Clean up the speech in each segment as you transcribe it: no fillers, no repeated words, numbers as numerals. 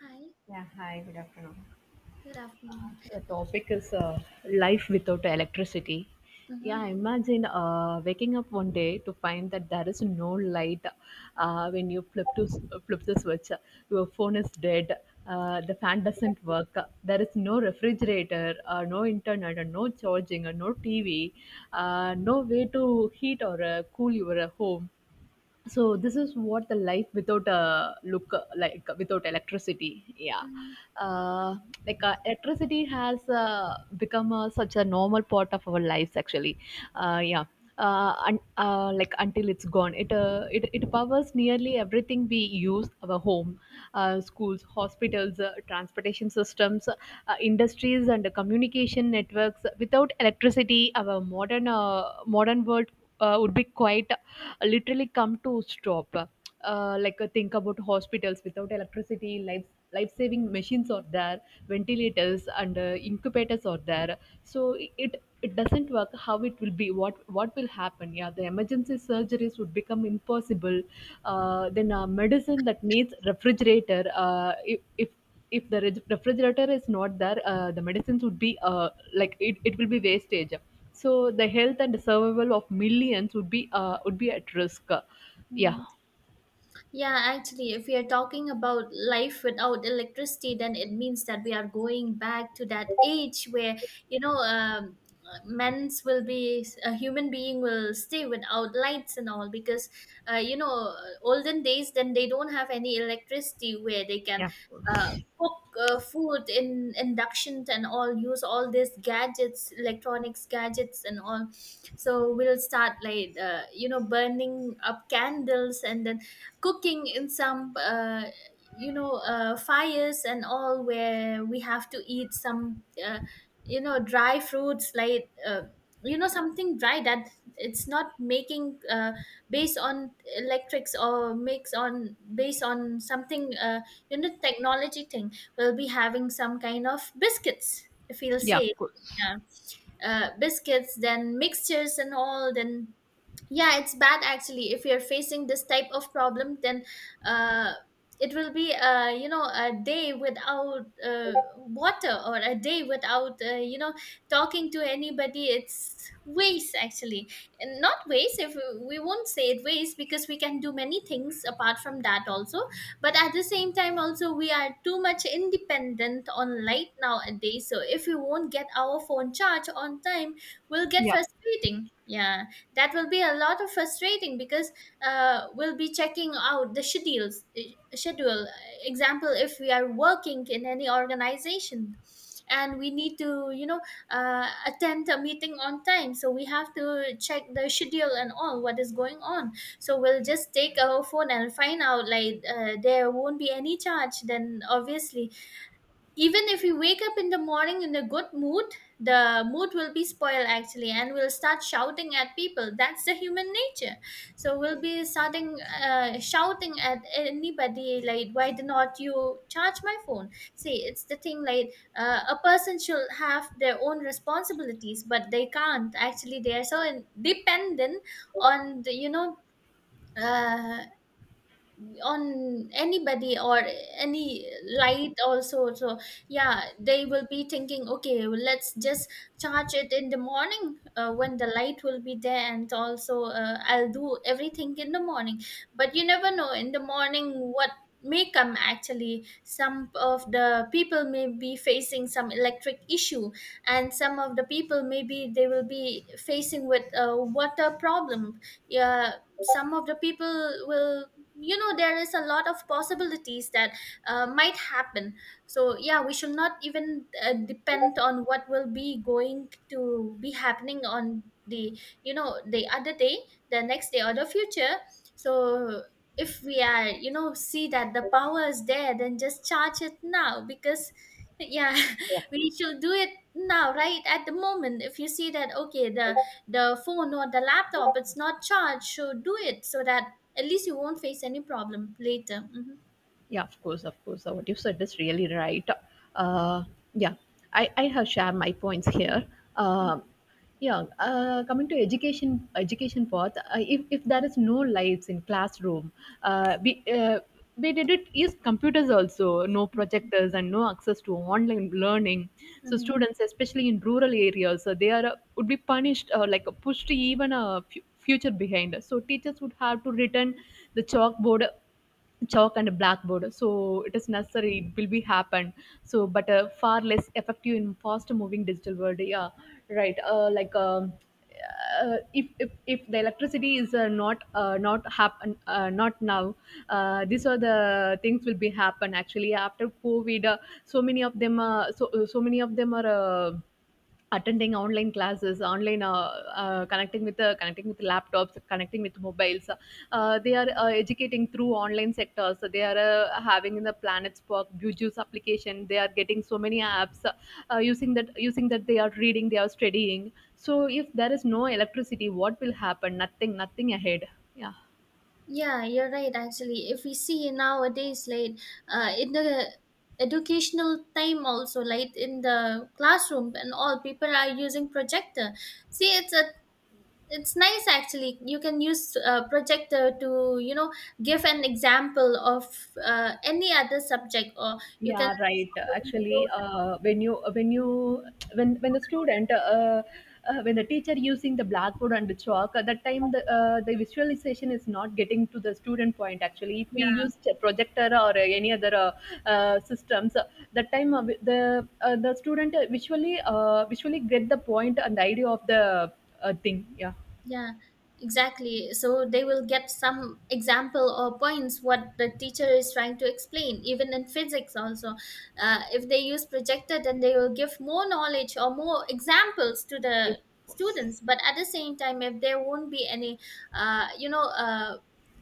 Hi, Yeah, hi, good afternoon. good afternoon. The topic is life without electricity. Yeah, Mm-hmm, imagine waking up one day to find that there is no light when you flip the switch. Your phone is dead. The fan doesn't work. There is no refrigerator, no internet, and no charging, and no TV. No way to heat or cool your home, so this is what the life without look like without electricity. Yeah. mm-hmm, uh, like electricity has become such a normal part of our lives, actually. Yeah. And like, until it's gone, it powers nearly everything we use, our home, schools, hospitals, transportation systems, industries, and communication networks. Without electricity, our modern world would be quite literally come to stop. Like, think about hospitals without electricity. Life-saving machines are there, ventilators and incubators are there. So it doesn't work. How it will be? What will happen? Yeah, the emergency surgeries would become impossible. Then medicine that needs refrigerator, if the re- refrigerator is not there, the medicines would be, like, it will be wastage. So the health and survival of millions would be, at risk. Yeah. mm-hmm. Yeah, actually, if we are talking about life without electricity, then it means that we are going back to that age where, you know, um, men's will be a human being will stay without lights and all because you know olden days then they don't have any electricity where they can uh, cook food in induction and all use all these gadgets electronics gadgets and all. So we'll start like you know burning up candles and then cooking in some you know fires and all where we have to eat some you know dry fruits like you know something dry that it's not making based on electrics or makes on based on something you know technology thing. We'll be having some kind of biscuits, if you'll Yeah, say. of course. Yeah, biscuits then mixtures and all, then yeah, it's bad actually. If you're facing this type of problem, then uh, it will be you know a day without water or a day without you know talking to anybody. It's waste actually, and not waste. If we won't say it waste, because we can do many things apart from that also. But at the same time also, we are too much independent on light nowadays, so if we won't get our phone charge on time, we'll get Yeah, frustrating, yeah. That will be a lot of frustrating because we'll be checking out the schedules, schedule example. If we are working in any organization and we need to, you know, attend a meeting on time, so we have to check the schedule and all what is going on. So we'll just take our phone and find out like there won't be any charge, then obviously, even if we wake up in the morning in a good mood, the mood will be spoiled actually, and we'll start shouting at people. That's the human nature. So we'll be starting shouting at anybody like, why do not you charge my phone? See, it's the thing like a person should have their own responsibilities, but they can't actually. They are so in- dependent on the, you know, uh, on anybody or any light also. So yeah, they will be thinking, okay, well, let's just charge it in the morning when the light will be there, and also I'll do everything in the morning. But you never know in the morning what may come actually. Some of the people may be facing some electric issue, and some of the people, maybe they will be facing with a water problem. Yeah, some of the people will, you know, there is a lot of possibilities that might happen. So yeah, we should not even depend on what will be going to be happening on the, you know, the other day, the next day, or the future. So if we are, you know, see that the power is there, then just charge it now, because yeah, yeah. we should do it now, right at the moment. If you see that, okay, the phone or the laptop it's not charged, so do it, so that at least you won't face any problem later. Hmm. Yeah, of course, of course. So what you said is really right. Uh, yeah, I have shared my points here. Um yeah, coming to education path, if there is no lights in classroom, uh, we, uh, we did it use computers also, no projectors and no access to online learning. So Mm-hmm. students, especially in rural areas, they are, would be punished, or like pushed even a future behind. So teachers would have to return the chalk and a blackboard, so it is necessary, it will be happen. So, but far less effective in fast moving digital world. Yeah, right. Like, if the electricity is, not, not happen, not now. These are the things will be happen, actually, after COVID. So many of them, so many of them are attending online classes, online, connecting with laptops, connecting with mobiles. They are educating through online sectors, so they are having in the planets Spark, buju's application, they are getting so many apps, using that they are reading, they are studying. So if there is no electricity, what will happen? Nothing, nothing ahead. Yeah. Yeah, you're right. Actually, if we see nowadays, like in the educational time also, like in the classroom and all, people are using projector. See, it's a it's nice actually. You can use projector to, you know, give an example of any other subject, or you can Yeah, right. show the Actually, when you when you when the student when the teacher using the blackboard and the chalk, at that time the, the visualization is not getting to the student point. Actually, if we videos. use a projector or any other systems, that time, the student visually get the point and the idea of the thing. Yeah. Yeah, exactly. So they will get some example or points what the teacher is trying to explain, even in physics also. If they use projector, then they will give more knowledge or more examples to the Yes. students. But at the same time, if there won't be any, uh, you know, uh,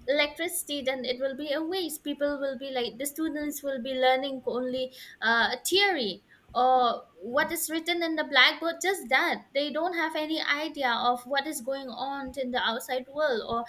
electricity, then it will be a waste. People will be like, the students will be learning only theory, what is written in the blackboard. Just that they don't have any idea of what is going on in the outside world, or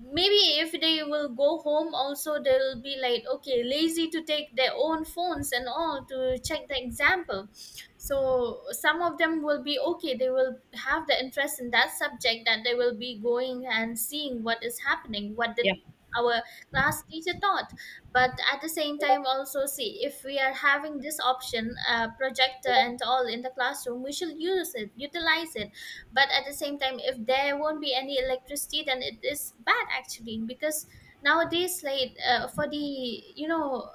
maybe if they will go home also, they'll be like, okay, lazy to take their own phones and all to check the example. So some of them will be okay, they will have the interest in that subject that they will be going and seeing what is happening, what did Yeah. our class teacher taught. But at the same time also, see, if we are having this option, projector and all in the classroom, we should use it, utilize it. But at the same time, if there won't be any electricity, then it is bad actually. Because nowadays, like for the, you know,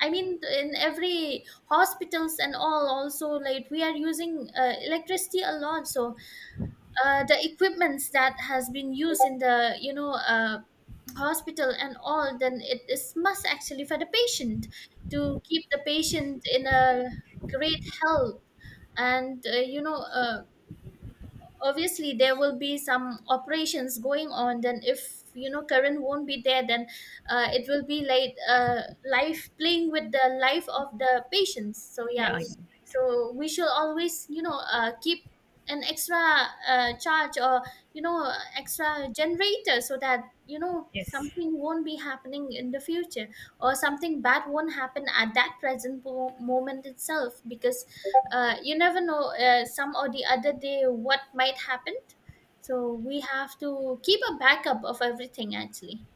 I mean, in every hospitals and all also, like we are using electricity a lot. So the equipments that has been used in the, you know, hospital and all, then it is must actually for the patient, to keep the patient in a great health, and you know obviously there will be some operations going on. Then if, you know, current won't be there, then it will be like life playing with the life of the patients, so yeah. Yeah. So we should always, you know, keep an extra charge or, you know, extra generator, so that you know Yes. something won't be happening in the future, or something bad won't happen at that present moment itself. Because you never know some or the other day what might happen. So we have to keep a backup of everything actually.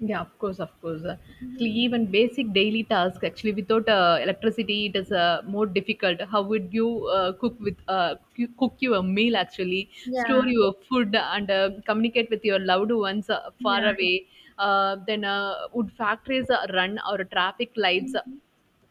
Yeah, of course, of course. Hmm. Actually, even basic daily tasks, actually, without electricity, it is more difficult. How would you cook with cook your meal? Actually, store Yeah, your food and communicate with your loved ones far yeah. away. Then, would factories run, or traffic lights? Hmm.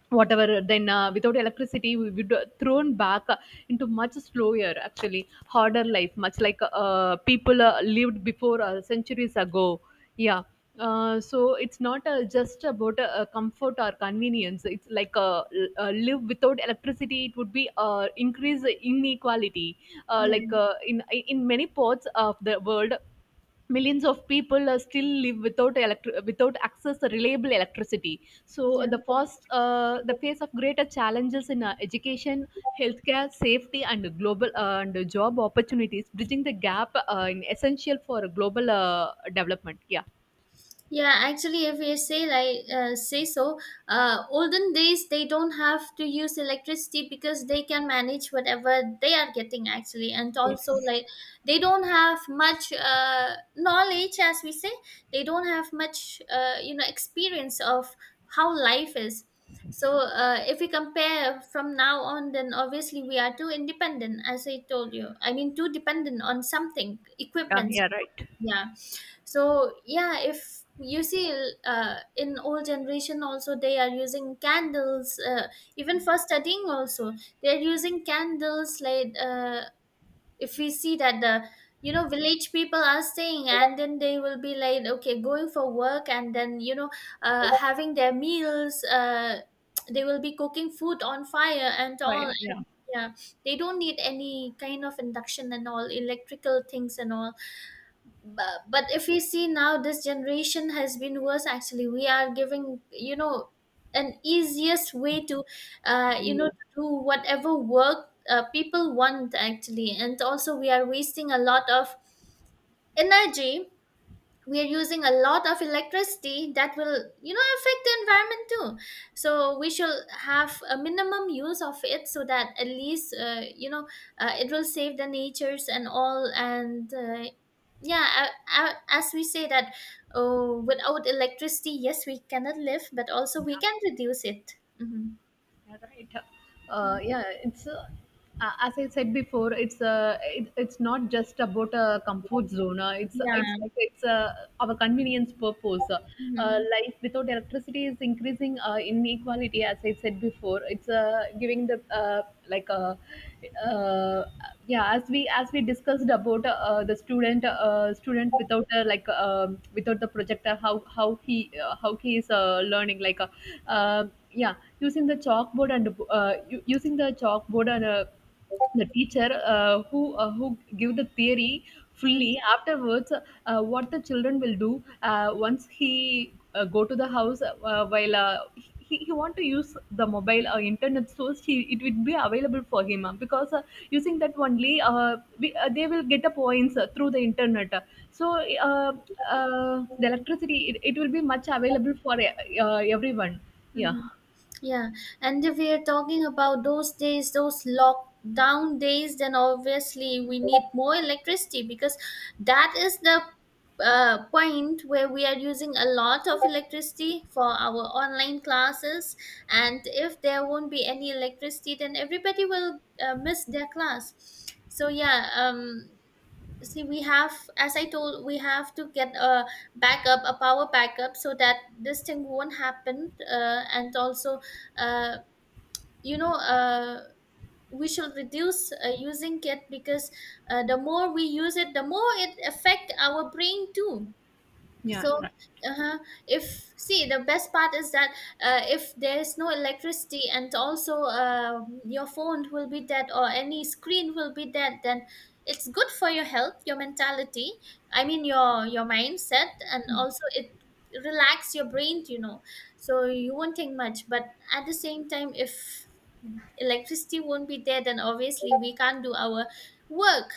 Whatever. Then without electricity we would, thrown back into much slower, actually harder life, much like people lived before, centuries ago. Yeah. So it's not just about comfort or convenience, it's like, live without electricity, it would be increase inequality. Yeah, Like, in many parts of the world, millions of people still live without access to reliable electricity, so yeah. the first, the face of greater challenges in education, healthcare, safety, and global, and job opportunities, bridging the gap, in essential for global development. Yeah. Yeah, actually, if you say like say so, olden days they don't have to use electricity, because they can manage whatever they are getting actually, and also Yes. like they don't have much knowledge, as we say, they don't have much you know experience of how life is. So if we compare from now on, then obviously we are too independent, as I told you. I mean, too dependent on something, Yeah, equipment. yeah, right. Yeah, so yeah, if you see in old generation also, they are using candles, even for studying also they are using candles. Like if we see that the, you know, village people are staying, and then they will be like, okay, going for work, and then, you know, having their meals, they will be cooking food on fire and all. Why- Yeah, they don't need any kind of induction and all electrical things and all. But if we see now, this generation has been worse actually. We are giving, you know, an easiest way to you know yeah. to do whatever work people want actually, and also we are wasting a lot of energy. We are using a lot of electricity that will, you know, affect the environment too. So we should have a minimum use of it, so that at least you know it will save the natures and all, and yeah, as we say that, oh, without electricity, yes, we cannot live, but also we can reduce it. Hmm. Yeah, right. Yeah, it's as I said before. It's it's not just about a comfort zone. It's Yeah. it's like, it's our convenience purpose. Life without electricity is increasing inequality. As I said before, it's giving the, like uh, uh, yeah. As we discussed about the student without, like, without the projector, how he is learning, like. Um, yeah, using the chalkboard and the teacher, who give the theory fully. Afterwards, what the children will do once he go to the house, while he want to use the mobile or internet source, he, it will be available for him because, using that only, they will get the points through the internet. So the electricity, it will be much available for everyone. Yeah. Hmm. Yeah, and if we are talking about those days, those lockdown days, then obviously we need more electricity, because that is the point where we are using a lot of electricity for our online classes. And if there won't be any electricity, then everybody will miss their class. So yeah, see, we have, as I told, we have to get a backup, a power backup, so that this thing won't happen, and also uh, you know we should reduce using it. Because the more we use it, the more it affect our brain too. Yeah, So right. uh-huh, if, see, the best part is that if there is no electricity and also your phone will be dead or any screen will be dead, then it's good for your health, your mentality. I mean, your mindset, and also it relax your brain, you know. So you won't think much, but at the same time, if electricity won't be there, then obviously we can't do our work,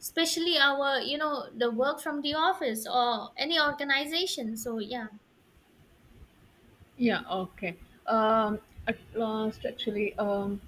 especially our, you know, the work from the office or any organization, so yeah. Yeah, okay. Um, at last, actually,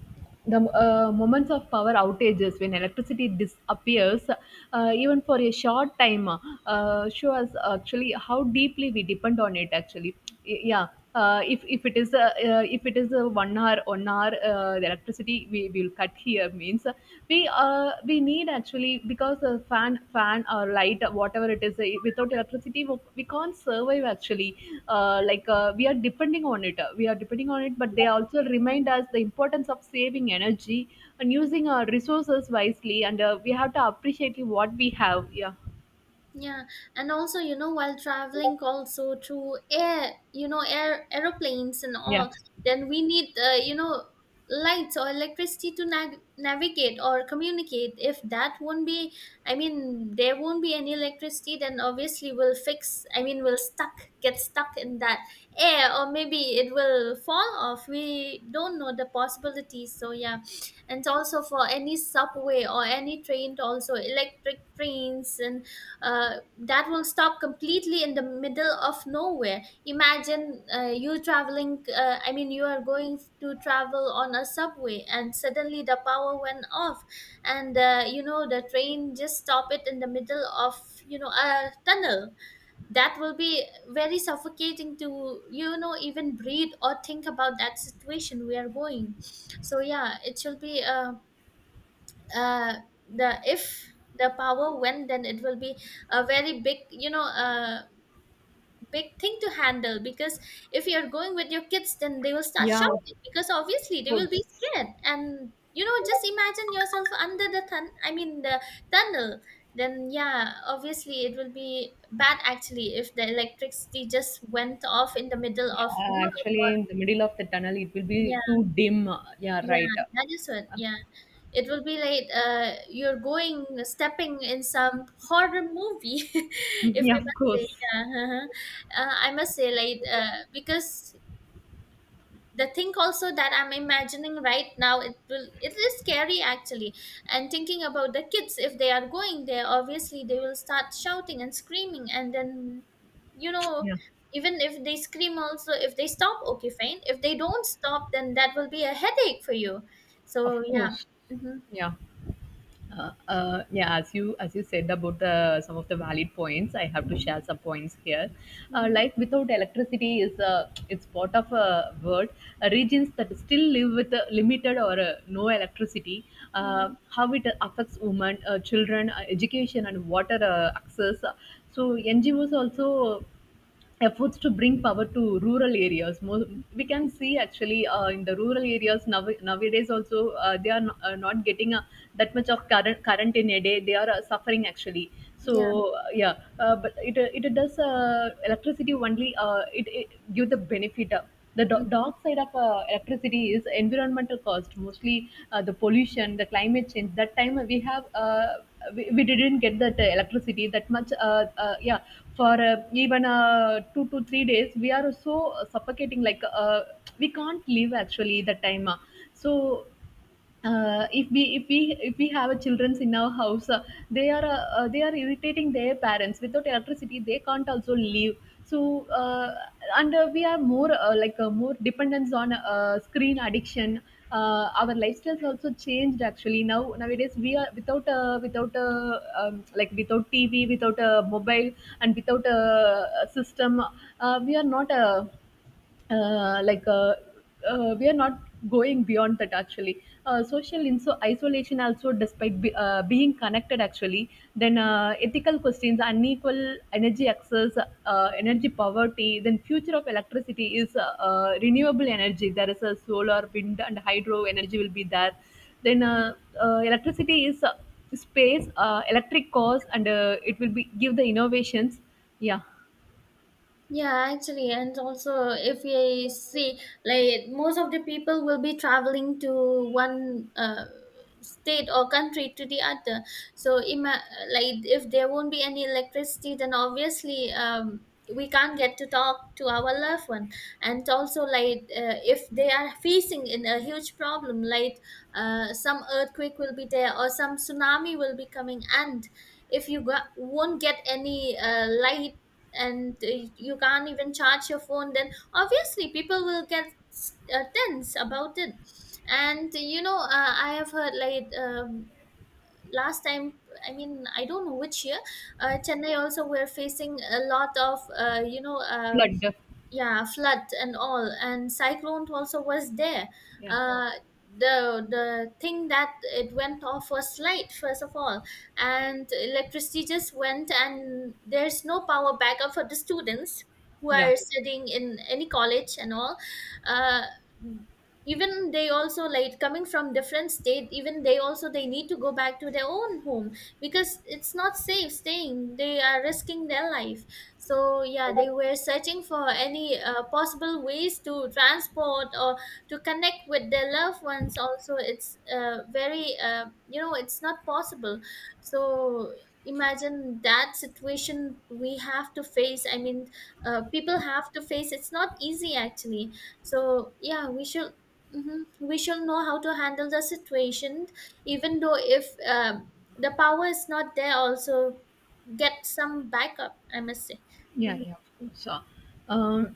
the moments of power outages, when electricity disappears, even for a short time, show us, actually, how deeply we depend on it. Actually. Yeah. If it is 1 hour, 1 hour, the electricity we will cut here means, we need, actually, because the fan or light, whatever it is, without electricity we can't survive, actually. Like, we are depending on it, but they also remind us the importance of saving energy and using our resources wisely, and we have to appreciate what we have. Yeah. Yeah, and also, you know, while traveling also to air, you know, air aeroplanes and Yeah. all, then we need, you know, lights or electricity to navigate or communicate. If that won't be, I mean, there won't be any electricity, then obviously we'll fix, I mean, we'll stuck, get stuck in that air, or maybe it will fall off. We don't know the possibilities. So, yeah, and also for any subway or any train, also electric trains and that will stop completely in the middle of nowhere. Imagine you traveling, I mean you are going to travel on a subway and suddenly the power went off and you know, the train just stop it in the middle of, you know, a tunnel. That will be very suffocating to, you know, even breathe or think about that situation we are going. So yeah, it should be uh the if the power went, then it will be a very big, you know, big thing to handle, because if you're going with your kids, then they will start Yeah, shouting because obviously of they will be course. scared. And you know, just imagine yourself under the the tunnel, then yeah, obviously it will be bad actually if the electricity just went off in the middle of. Yeah, actually, in the middle of the tunnel, it will be Yeah. too dim. Yeah, Yeah, right. that is what. Yeah, it will be like, you're going stepping in some horror movie, if I Yeah, of must say. course. Yeah, I must say, because the thing also that I'm imagining right now, it will, it is scary actually. And thinking about the kids, if they are going there, obviously they will start shouting and screaming, and then, you know, Yeah. even if they scream also, if they stop, okay, fine. If they don't stop, then that will be a headache for you. Of So yeah. course. Mm-hmm. Yeah. Yeah, as you said about the some of the valid points, I have to Mm-hmm. share some points here. Mm-hmm. Life without electricity is it's part of a world, regions that still live with limited or no electricity. Mm-hmm. How it affects women, children, education, and water access. So NG NGOs also efforts to bring power to rural areas. We can see, actually, in the rural areas now, nowadays also, they are not getting that much of current in a day. They are suffering, actually. Yeah. So yeah, but it, it does, electricity only, it give the benefit. The Mm-hmm. dark side of electricity is environmental cost, mostly the pollution, the climate change. That time we have, we didn't get that electricity that much. Yeah, for even 2 to 3 days, we are so suffocating. Like, we can't live, actually, that time. So, if we have a childrens in our house, they are irritating their parents, without electricity they can't also live. So and we are more, like, more dependence on screen addiction. Our lifestyles also changed, actually. Now, nowadays, we are without, like, without TV, without a mobile, and without a system, we are not, uh, like uh, we are not going beyond that, actually. Social in so isolation also, despite being connected, actually. Then ethical questions, unequal energy access, energy poverty. Then future of electricity is renewable energy, there is a solar, wind, and hydro energy will be there. Then electricity is space, electric cars, and it will be give the innovations. Yeah. Yeah, actually, and also if we see, like, most of the people will be traveling to one, state or country to the other. So, ima- like, if there won't be any electricity, then obviously, we can't get to talk to our loved one. And also, like, if they are facing in a huge problem, like, some earthquake will be there or some tsunami will be coming, and if you got, won't get any light and you can't even charge your phone, then obviously people will get tense about it. And you know, I have heard, like, last time, I mean, I don't know which year, Chennai also were facing a lot of, you know. Flood. Yeah, flood and all, and cyclone also was there. Yeah. Uh the the thing that it went off was light first of all, and electricity just went, and there's no power backup for the students who Yeah. are studying in any college and all. uh Even they also, like, coming from different state, even they also, they need to go back to their own home, because it's not safe staying, they are risking their life. So yeah, they were searching for any possible ways to transport or to connect with their loved ones also. It's very, you know, it's not possible. So, imagine that situation we have to face. I mean, people have to face, it's not easy actually. So yeah, we should, mhm, we should know how to handle the situation, even though if the power is not there also, get some backup, I must say. Yeah, Mhm. yeah, of course. Um,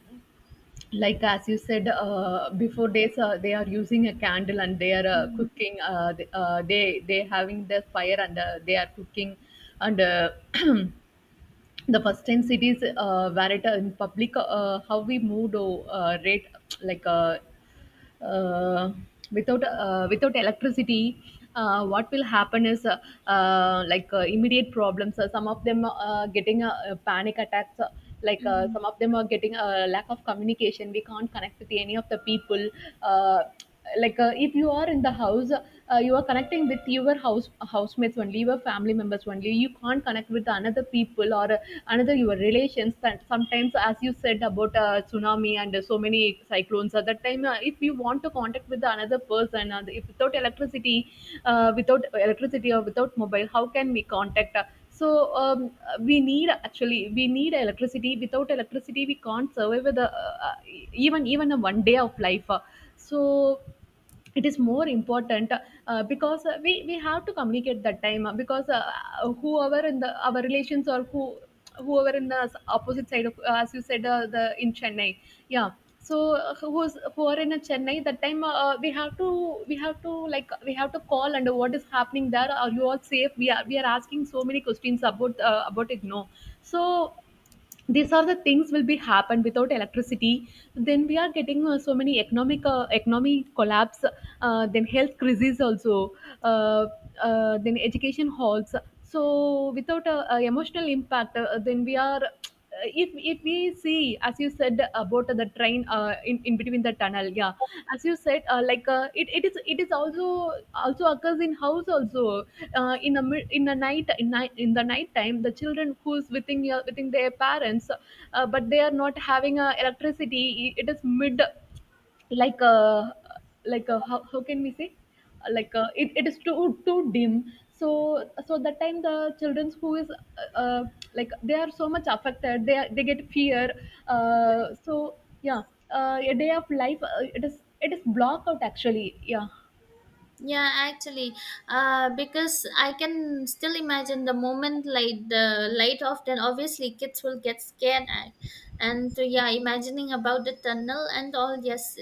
like, as you said before, days they are using a candle and they are Mhm. cooking. They having the fire and they are cooking. And the first time cities, where it, in public, how we moved, oh, rate, like. Uh, Without without electricity, what will happen is, immediate problems. Some of them getting panic attacks. Mhm. Some of them are getting a lack of communication. We can't connect with any of the people. uh, if you are in the house, you are connecting with your housemates only, your family members only. You can't connect with another people or another your relations, that sometimes, as you said about tsunami and so many cyclones. At that time, if you want to contact with another person, if without electricity, without electricity or without mobile, how can we contact? So, um, we need, actually we need electricity. Without electricity we can't survive with a, even even a one day of life. So it is more important, because we have to communicate that time, because. Whoever in the our relations, or whoever in the opposite side of, as you said, the in Chennai. Yeah. So who are in a Chennai that time, we have to like we have to call. And what is happening, there are you all safe? We are asking so many questions about, about it, no? So these are the things will be happen without electricity. Then we are getting so many economic, economy collapse. Then health crises also. uh, then education halts. So, without emotional impact, then we are. If we see, as you said about the train, in between the tunnel. Yeah. As you said, it is also occurs in house also. In a night, in the night time, the children who's within their parents, but they are not having electricity. It is mid, like a, how, can we say? It is too dim. So so that time, the children who is, like, they are so much affected. They get fear. uh, so, yeah. A day of life, it is blocked out, actually. Yeah. Yeah, actually, because I can still imagine the moment, like the light off, then obviously kids will get scared. At, and yeah, imagining about the tunnel and all, yes.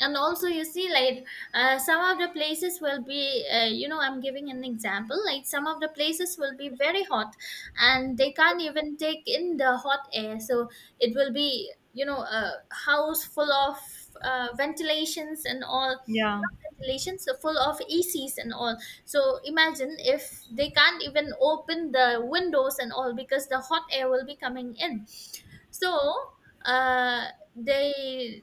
And also, you see, like, some of the places will be, you know, I'm giving an example, like some of the places will be very hot, and they can't even take in the hot air. So it will be, you know, a house full of ventilations and all, Yeah, cancellations are full of ecs and all. So imagine, if they can't even open the windows and all because the hot air will be coming in. So, uh they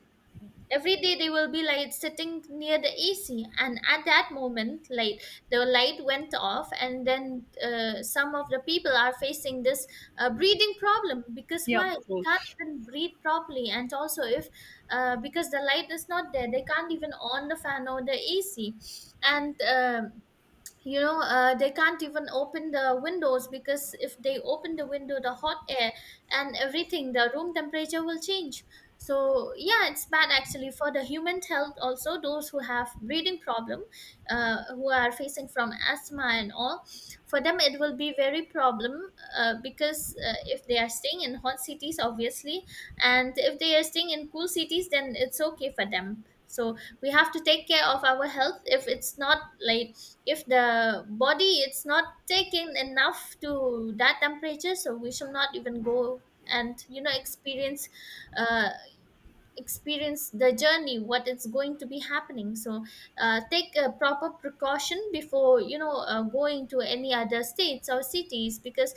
every day they will be like sitting near the AC, and at that moment, like, the light went off, and then some of the people are facing this breathing problem, because yeah, why of they can't course. even breathe properly. And also if, because the light is not there, they can't even on the fan or the AC. And you know, they can't even open the windows, because if they open the window, the hot air and everything, the room temperature will change. So yeah, it's bad actually for the human health also, those who have breathing problem, who are facing from asthma and all. For them it will be very problem, because if they are staying in hot cities obviously, and if they are staying in cool cities, then it's okay for them. So we have to take care of our health. If it's not, like, if the body it's not taking enough to that temperature, so we should not even go and, you know, experience, uh, experience the journey what it's going to be happening. So, take a proper precaution before, you know, going to any other states or cities, because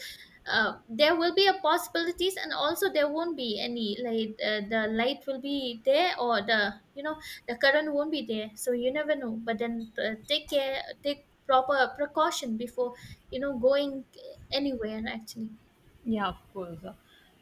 there will be a possibilities, and also there won't be any, like, the light will be there or the, you know, the current won't be there. So you never know, but then, take care, take proper precaution before, you know, going anywhere actually. Yeah, of course.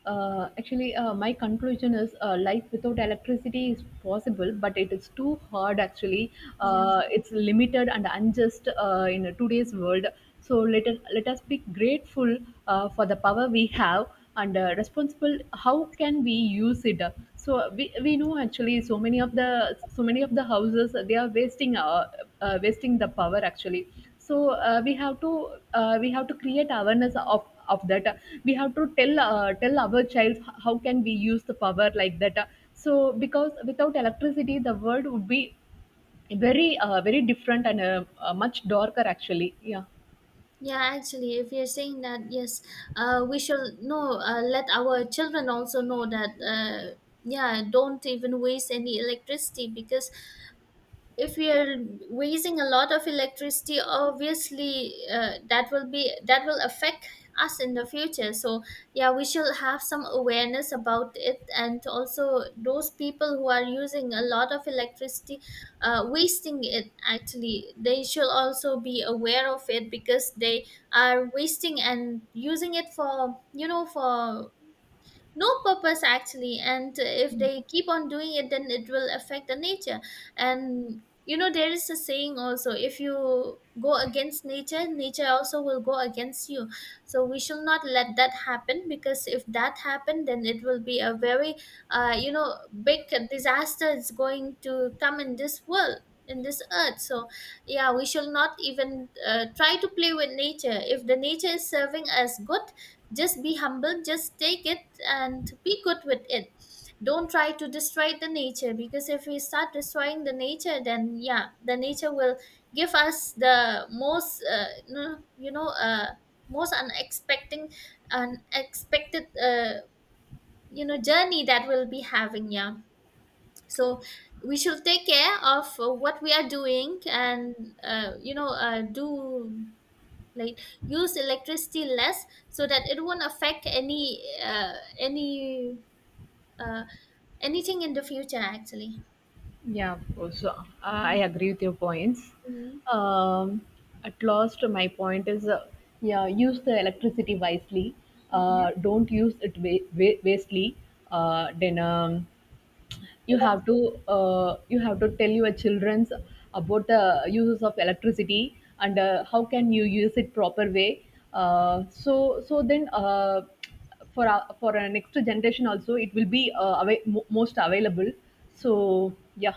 Actually, my conclusion is, life without electricity is possible, but it is too hard. Actually, Yeah. It's limited and unjust in today's world. So, let us be grateful for the power we have, and responsible. How can we use it? So we know actually so many of the houses they are wasting, wasting the power, actually. So, we have to create awareness of that. We have to tell our child, how can we use the power like that? So because without electricity the world would be very different, and much darker, actually. Yeah. Yeah, actually, if you're saying that, yes, we should know, let our children also know that, yeah, don't even waste any electricity, because if we are wasting a lot of electricity, obviously that will affect us in the future. So yeah, we should have some awareness about it. And also those people who are using a lot of electricity, wasting it actually, they should also be aware of it, because they are wasting and using it for, you know, for no purpose actually. And if they keep on doing it, then it will affect the nature. And you know, there is a saying also, if you go against nature, nature also will go against you. So we should not let that happen, because if that happened, then it will be a very, you know, big disaster is going to come in this world, in this earth. So yeah, we shall not even try to play with nature. If the nature is serving us good, just be humble, just take it and be good with it. Don't try to destroy the nature, because if we start destroying the nature, then yeah, the nature will give us the most, you know, most unexpected, unexpected, you know, journey that we'll be having. Yeah. So we should take care of what we are doing, and you know, do, like, use electricity less, so that it won't affect any uh, anything in the future, actually. Yeah, of course. I agree with your points. Mm-hmm. um, at last, my point is, yeah, use the electricity wisely. Hmm. Don't use it wastely. Then You have to you have to tell your childrens about the uses of electricity, and how can you use it proper way? So then, for our next generation also, it will be most available. So, yeah.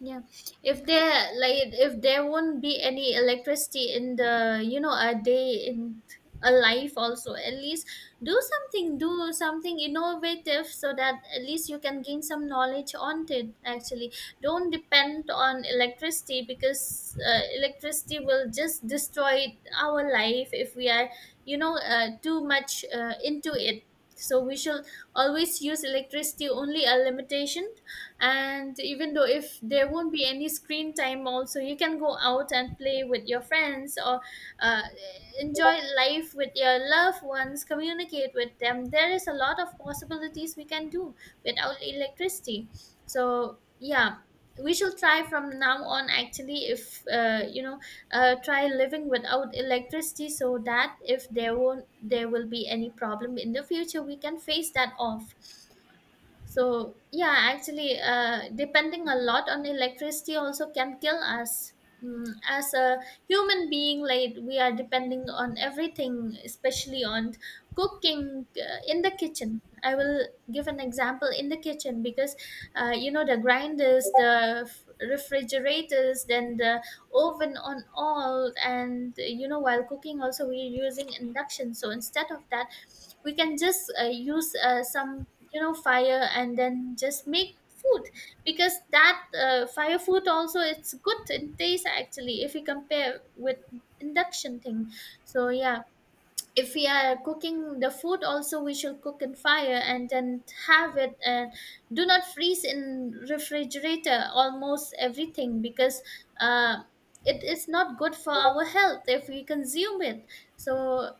Yeah, if there, like if there won't be any electricity in the, you know, a day in a life also, at least do something, do something innovative, so that at least you can gain some knowledge on it actually. Don't depend on electricity, because electricity will just destroy our life if we are, you know, too much into it. So we should always use electricity only a limitation. And even though if there won't be any screen time also, you can go out and play with your friends, or uh, enjoy life with your loved ones, communicate with them. There is a lot of possibilities we can do without electricity. So yeah, we should try from now on actually. If, you know, try living without electricity, so that if there won't, there will be any problem in the future, we can face that off. So yeah, actually, depending a lot on electricity also can kill us. Mm, as a human being, like, we are depending on everything, especially on cooking, in the kitchen. I will give an example in the kitchen, because you know, the grinders, the refrigerators, then the oven on all, and you know, while cooking also we're using induction. So instead of that, we can just use some, you know, fire, and then just make food, because that fire food also, it's good in taste actually, if you compare with induction thing. So yeah, if we are cooking the food also, we should cook in fire and then have it, and do not freeze in refrigerator almost everything, because uh, it is not good for our health if we consume it. So,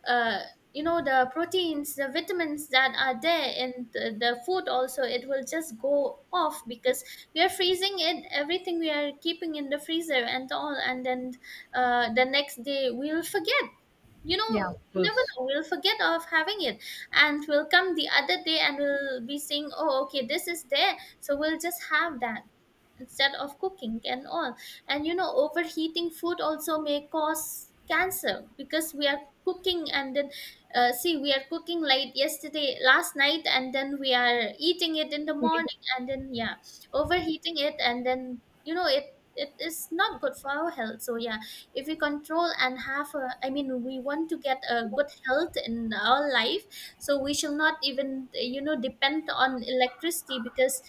you know, the proteins, the vitamins that are there in the food also, it will just go off, because we are freezing it, everything we are keeping in the freezer and all, and then the next day we will forget. You Yeah. know, you never Was. know, we'll forget of having it, and we'll come the other day, and we'll be saying, oh okay, this is there, so we'll just have that instead of cooking and all. And you know, overheating food also may cause cancer, because we are cooking and then, see, we are cooking late yesterday, last night, and then we are eating it in the It is. morning, and then yeah, overheating it, and then you know, it is not good for our health. So yeah, if we control and have a, I mean, we want to get a good health in our life, so we shall not even, you know, depend on electricity, because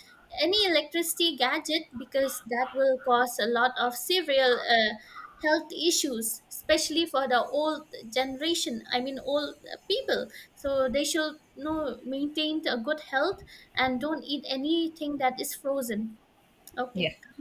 any electricity gadget, because that will cause a lot of serial, health issues, especially for the old generation, I mean old, people. So they should, you know, maintain a good health, and don't eat anything that is frozen. Okay. Yeah.